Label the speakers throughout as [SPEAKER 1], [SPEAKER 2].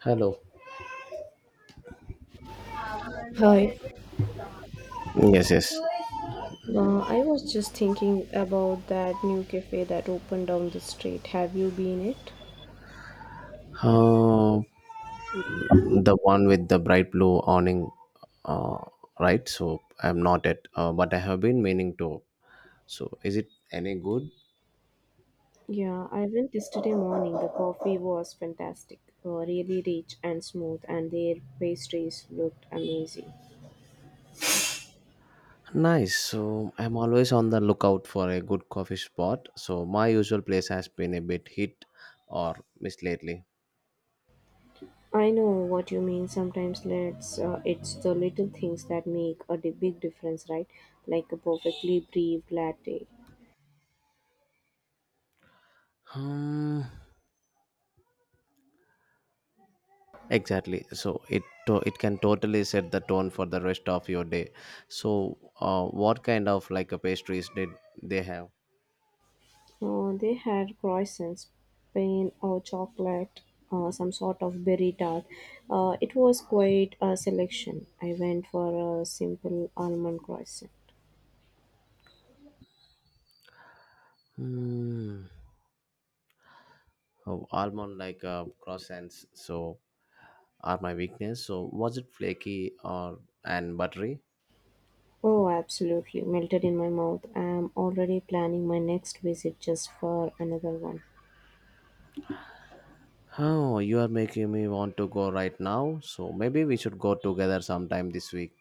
[SPEAKER 1] Hello.
[SPEAKER 2] Hi,
[SPEAKER 1] Yes, yes.
[SPEAKER 2] I was just thinking about that new cafe that opened down the street. Have you been it?
[SPEAKER 1] Uh, the one with the bright blue awning, uh, right? So I'm not at, but I have been meaning to. So is it any good?
[SPEAKER 2] Yeah, I went yesterday morning. The coffee was fantastic, really rich and smooth, and their pastries looked amazing.
[SPEAKER 1] Nice. So I'm always on the lookout for a good coffee spot. So my usual place has been a bit hit or miss lately.
[SPEAKER 2] I know what you mean. It's the little things that make a big difference, right? Like a perfectly brewed latte.
[SPEAKER 1] Hmm. Exactly. So it can totally set the tone for the rest of your day. So, what kind of pastries did they have?
[SPEAKER 2] They had croissants, pain or chocolate, some sort of berry tart. It was quite a selection. I went for a simple almond croissant.
[SPEAKER 1] Hmm. Oh, almond croissants. So are my weakness. So was it flaky or and buttery?
[SPEAKER 2] Oh, absolutely. Melted in my mouth. I'm already planning my next visit just for another one.
[SPEAKER 1] Oh, you are making me want to go right now. So maybe we should go together sometime this week.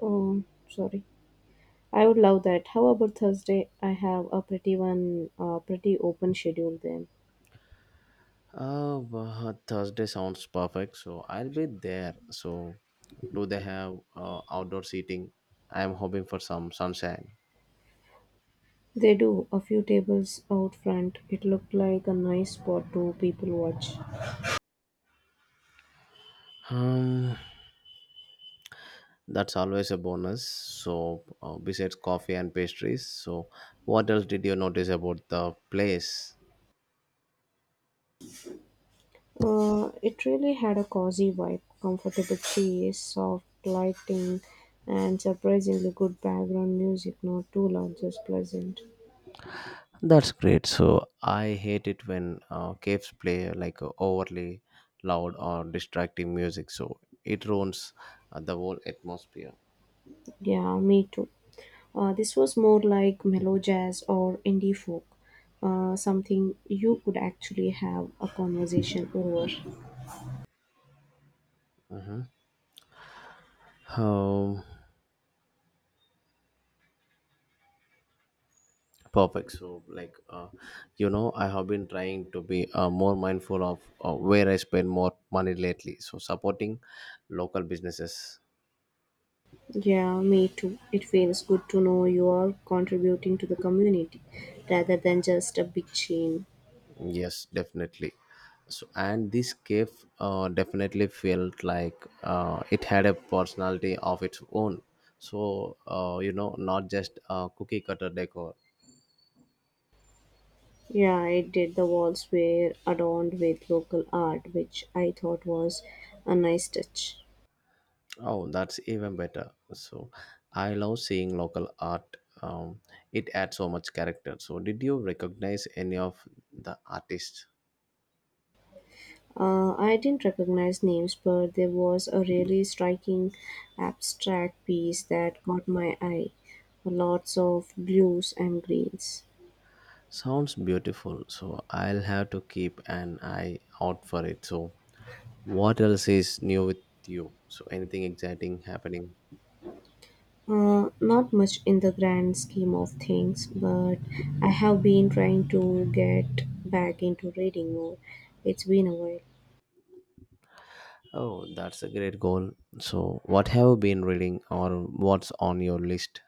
[SPEAKER 2] Oh, sorry. I would love that. How about Thursday? I have a pretty open schedule then.
[SPEAKER 1] Thursday sounds perfect, so I'll be there. So, do they have outdoor seating? I'm hoping for some sunshine.
[SPEAKER 2] They do. A few tables out front. It looked like a nice spot to people watch.
[SPEAKER 1] Um, that's always a bonus. So, besides coffee and pastries, so what else did you notice about the place?
[SPEAKER 2] It really had a cozy vibe, comfortable chairs, soft lighting, and surprisingly good background music. Not too loud, just pleasant.
[SPEAKER 1] That's great. So, I hate it when caves play like overly loud or distracting music, so it ruins the whole atmosphere.
[SPEAKER 2] Yeah, me too. This was more like mellow jazz or indie folk, something you could actually have a conversation over.
[SPEAKER 1] Mm-hmm. Um, Perfect. I have been trying to be more mindful of where I spend more money lately. So, supporting local businesses,
[SPEAKER 2] Yeah, me too. It feels good to know you are contributing to the community rather than just a big chain.
[SPEAKER 1] yes, definitely. So, and this cave definitely felt like it had a personality of its own. So, not just a cookie cutter decor.
[SPEAKER 2] Yeah, I did. The walls were adorned with local art, which I thought was a nice touch.
[SPEAKER 1] Oh, that's even better. So, I love seeing local art. It adds so much character. So, did you recognize any of the artists?
[SPEAKER 2] I didn't recognize names, but there was a really striking abstract piece that caught my eye. Lots of blues and greens.
[SPEAKER 1] Sounds beautiful. So, I'll have to keep an eye out for it. So, what else is new with you? So, anything exciting happening?
[SPEAKER 2] Not much in the grand scheme of things, but I have been trying to get back into reading more. It's been a while.
[SPEAKER 1] Oh, that's a great goal. So, what have you been reading or what's on your list?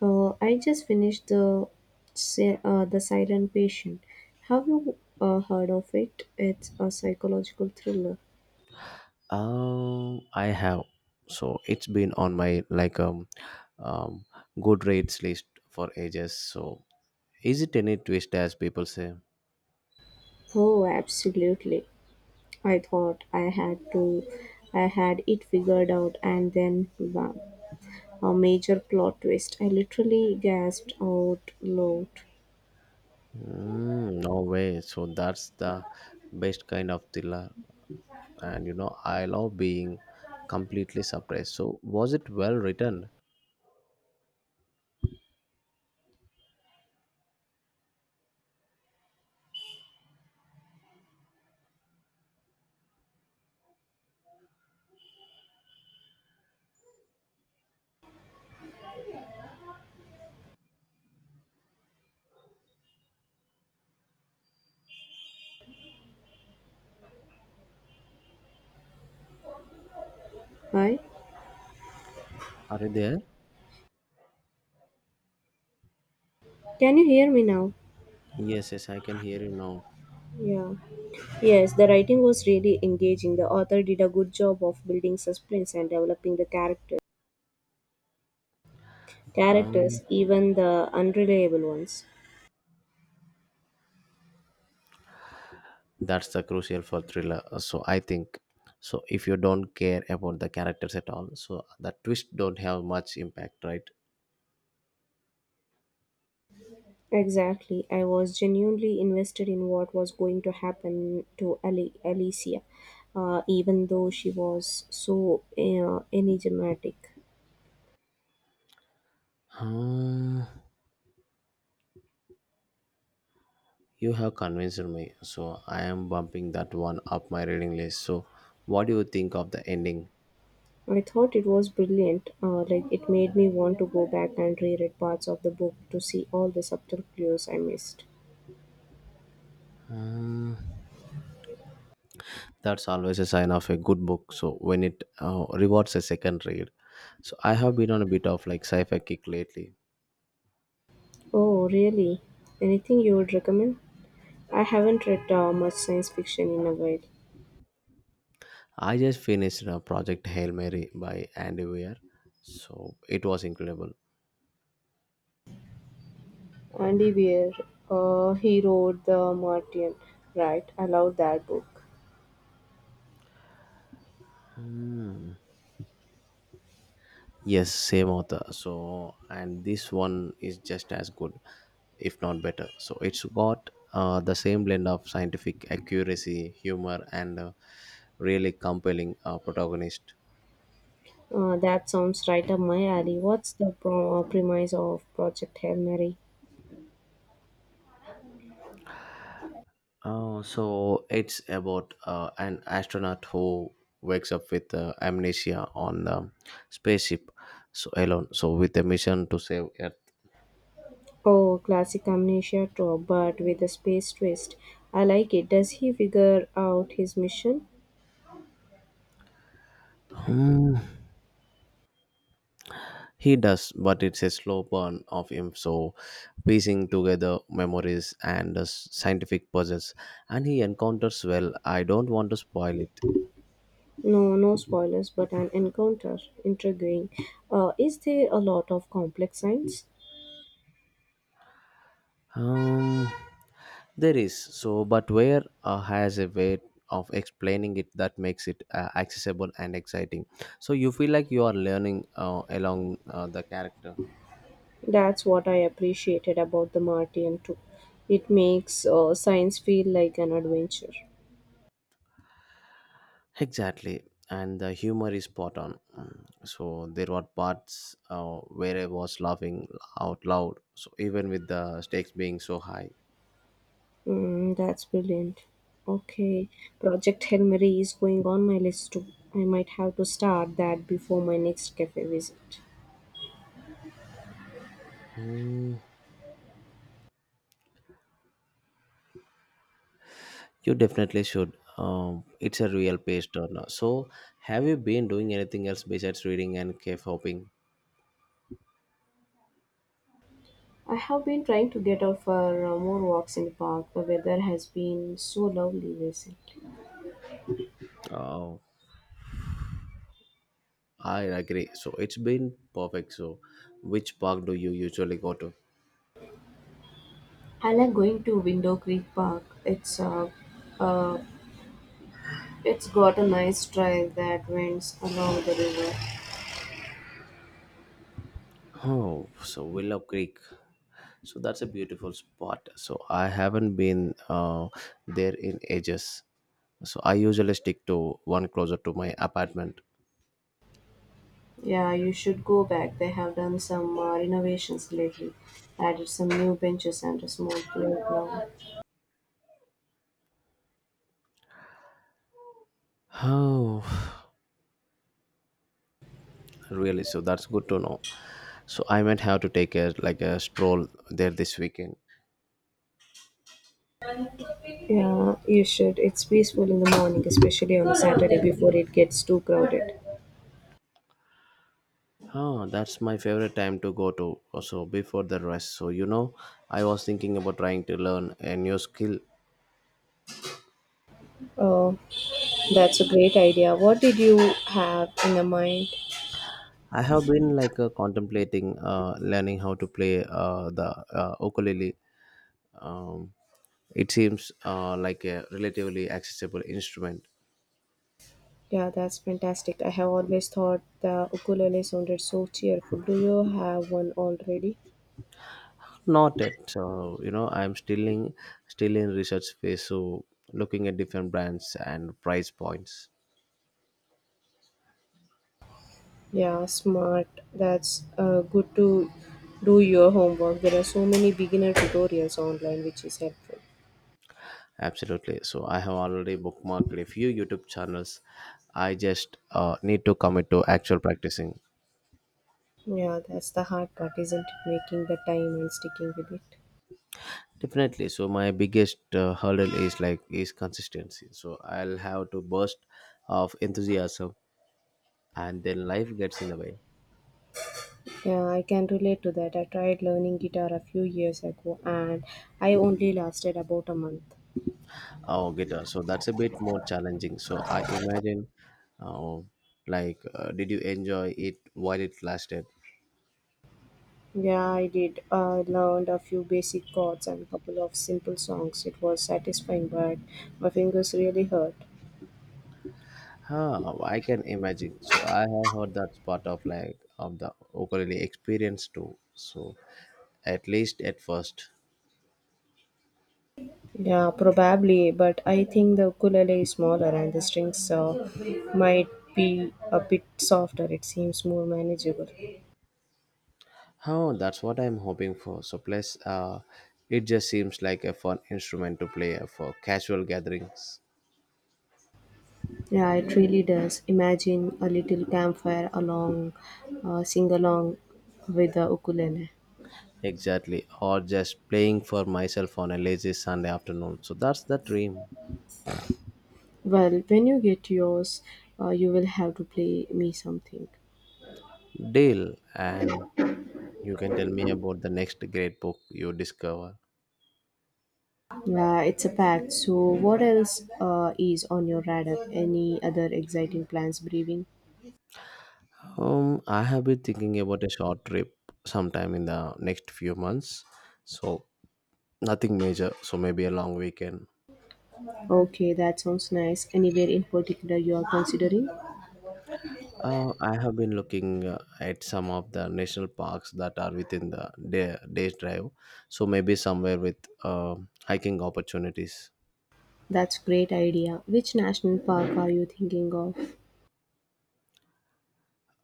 [SPEAKER 2] I just finished the Siren Patient. Have you heard of it? It's a psychological thriller.
[SPEAKER 1] I have. So it's been on my um good rates list for ages. So is it any twist as people say?
[SPEAKER 2] Oh, absolutely. I thought I had to, I had it figured out, and then bam, a major plot twist. I literally gasped out loud.
[SPEAKER 1] Mm, no way. So that's the best kind of thriller. And you know, I love being completely surprised. So was it well written?
[SPEAKER 2] Hi,
[SPEAKER 1] Are you there?
[SPEAKER 2] can you hear me now?
[SPEAKER 1] Yes, yes, I can hear you now.
[SPEAKER 2] Yeah. Yes, the writing was really engaging. The author did a good job of building suspense and developing the characters,
[SPEAKER 1] Um,
[SPEAKER 2] even the unreliable ones.
[SPEAKER 1] that's the crucial for thriller. So I think, so if you don't care about the characters at all, so the twist don't have much impact, right?
[SPEAKER 2] Exactly. I was genuinely invested in what was going to happen to Alicia, even though she was enigmatic.
[SPEAKER 1] Hmm, you have convinced me, so I am bumping that one up my reading list. So what do you think of the ending?
[SPEAKER 2] I thought it was brilliant. Like it made me want to go back and reread parts of the book to see all the subtle clues I missed.
[SPEAKER 1] Hmm, that's always a sign of a good book, so when it rewards a second read. So I have been on a bit of like sci-fi kick lately.
[SPEAKER 2] Oh, really? Anything you would recommend? I haven't read much science fiction in a while.
[SPEAKER 1] I just finished Project Hail Mary by Andy Weir, so it was incredible.
[SPEAKER 2] Andy Weir, he wrote The Martian, right? I love that book.
[SPEAKER 1] Mm. Yes, same author. So, and this one is just as good, if not better. So, it's got the same blend of scientific accuracy, humor, and really compelling protagonist.
[SPEAKER 2] That sounds right up my alley. What's the premise of Project Hail Mary?
[SPEAKER 1] Oh, so, it's about an astronaut who wakes up with amnesia on the spaceship, so alone, so with a mission to save Earth.
[SPEAKER 2] Oh, classic amnesia trope, but with a space twist. I like it. Does he figure out his mission?
[SPEAKER 1] Hmm. He does, but it's a slow burn of him. So, piecing together memories and scientific puzzles, and he encounters, well, I don't want to spoil it.
[SPEAKER 2] No, no spoilers, but an encounter. Intriguing. Is there a lot of complex science?
[SPEAKER 1] Um, there is, so, but where has a way of explaining it that makes it accessible and exciting. So you feel like you are learning along the character.
[SPEAKER 2] That's what I appreciated about the Martian too. It makes science feel like an adventure.
[SPEAKER 1] Exactly, and the humor is spot on. Mm. So there were parts where I was laughing out loud. So even with the stakes being so high.
[SPEAKER 2] Mm, that's brilliant. Okay, Project Hail Mary is going on my list too. I might have to start that before my next cafe visit.
[SPEAKER 1] Mm, you definitely should. It's a real page turner. So have you been doing anything else besides reading and cave hopping?
[SPEAKER 2] I have been trying to get out for more walks in the park. The weather has been so lovely recently.
[SPEAKER 1] Uh, I agree. So it's been perfect. So which park do you usually go to?
[SPEAKER 2] I like going to Window Creek Park. Uh, it's got a nice trail that winds along the river.
[SPEAKER 1] Oh, so Willow Creek. So that's a beautiful spot. So I haven't been there in ages. So I usually stick to one closer to my apartment.
[SPEAKER 2] Yeah, you should go back. They have done some renovations lately. Added some new benches and a small playground.
[SPEAKER 1] Oh, really? So that's good to know. So I might have to take a stroll there this weekend.
[SPEAKER 2] Yeah, you should. It's peaceful in the morning, especially on a Saturday before it gets too crowded.
[SPEAKER 1] Oh, that's my favorite time to go to. So before the rest. So you know, I was thinking about trying to learn a new skill.
[SPEAKER 2] Oh, that's a great idea. What did you have in your mind?
[SPEAKER 1] I have been contemplating learning how to play the ukulele. Um, it seems like a relatively accessible instrument.
[SPEAKER 2] Yeah, that's fantastic. I have always thought the ukulele sounded so cheerful. Do you have one already?
[SPEAKER 1] Not yet. So you know, I'm still in research phase, so looking at different brands and price points.
[SPEAKER 2] Yeah, smart. That's good to do your homework. There are so many beginner tutorials online, which is helpful.
[SPEAKER 1] Absolutely. So I have already bookmarked a few YouTube channels. I just need to commit to actual practicing.
[SPEAKER 2] Yeah, that's the hard part, isn't it? Making the time and sticking with it.
[SPEAKER 1] Definitely. So my biggest hurdle is consistency. So I'll have to burst of enthusiasm, and then life gets in the way.
[SPEAKER 2] Yeah, I can relate to that. I tried learning guitar a few years ago and I only lasted about a month.
[SPEAKER 1] Oh, guitar. So that's a bit more challenging. So I imagine, uh, did you enjoy it while it lasted?
[SPEAKER 2] Yeah, I did. I learned a few basic chords and a couple of simple songs. It was satisfying, but my fingers really hurt.
[SPEAKER 1] Huh, I can imagine. So I have heard that's part of the ukulele experience too. So at least at first.
[SPEAKER 2] Yeah, probably, but I think the ukulele is smaller and the strings might be a bit softer. It seems more manageable.
[SPEAKER 1] Oh, that's what I'm hoping for. So, plus, it just seems like a fun instrument to play for casual gatherings.
[SPEAKER 2] Yeah, it really does. Imagine a little campfire along, sing along with the ukulele.
[SPEAKER 1] Exactly, or just playing for myself on a lazy Sunday afternoon. So that's the dream.
[SPEAKER 2] Well, when you get yours, you will have to play me something.
[SPEAKER 1] Deal, and you can tell me about the next great book you discover.
[SPEAKER 2] It's a pact. So, what else is on your radar? Any other exciting plans brewing?
[SPEAKER 1] I have been thinking about a short trip sometime in the next few months. So nothing major. So maybe a long weekend.
[SPEAKER 2] Okay, that sounds nice. Anywhere in particular you are considering?
[SPEAKER 1] I have been looking at some of the national parks that are within day's drive, so maybe somewhere with uh, hiking opportunities.
[SPEAKER 2] That's great idea. Which national park are you thinking of?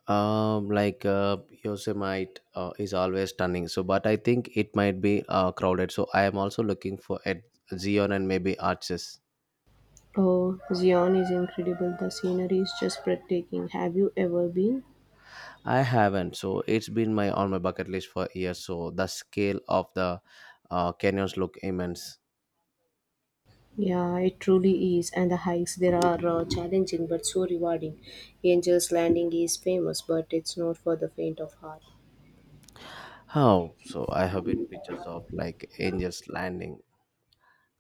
[SPEAKER 1] Yosemite is always stunning, so but I think it might be crowded. So I am also looking for at Zion and maybe Arches.
[SPEAKER 2] Oh, Zion is incredible. The scenery is just breathtaking. Have you ever been?
[SPEAKER 1] I haven't, so it's been my bucket list for years. So the scale of the canyons look immense.
[SPEAKER 2] Yeah, it truly is. And the hikes there are challenging but so rewarding. Angel's Landing is famous, but it's not for the faint of heart.
[SPEAKER 1] How? So I have been pictures of like Angels Landing.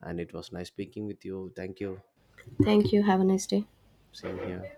[SPEAKER 1] And it was nice speaking with you. Thank you.
[SPEAKER 2] Thank you. Have a nice day.
[SPEAKER 1] Same here.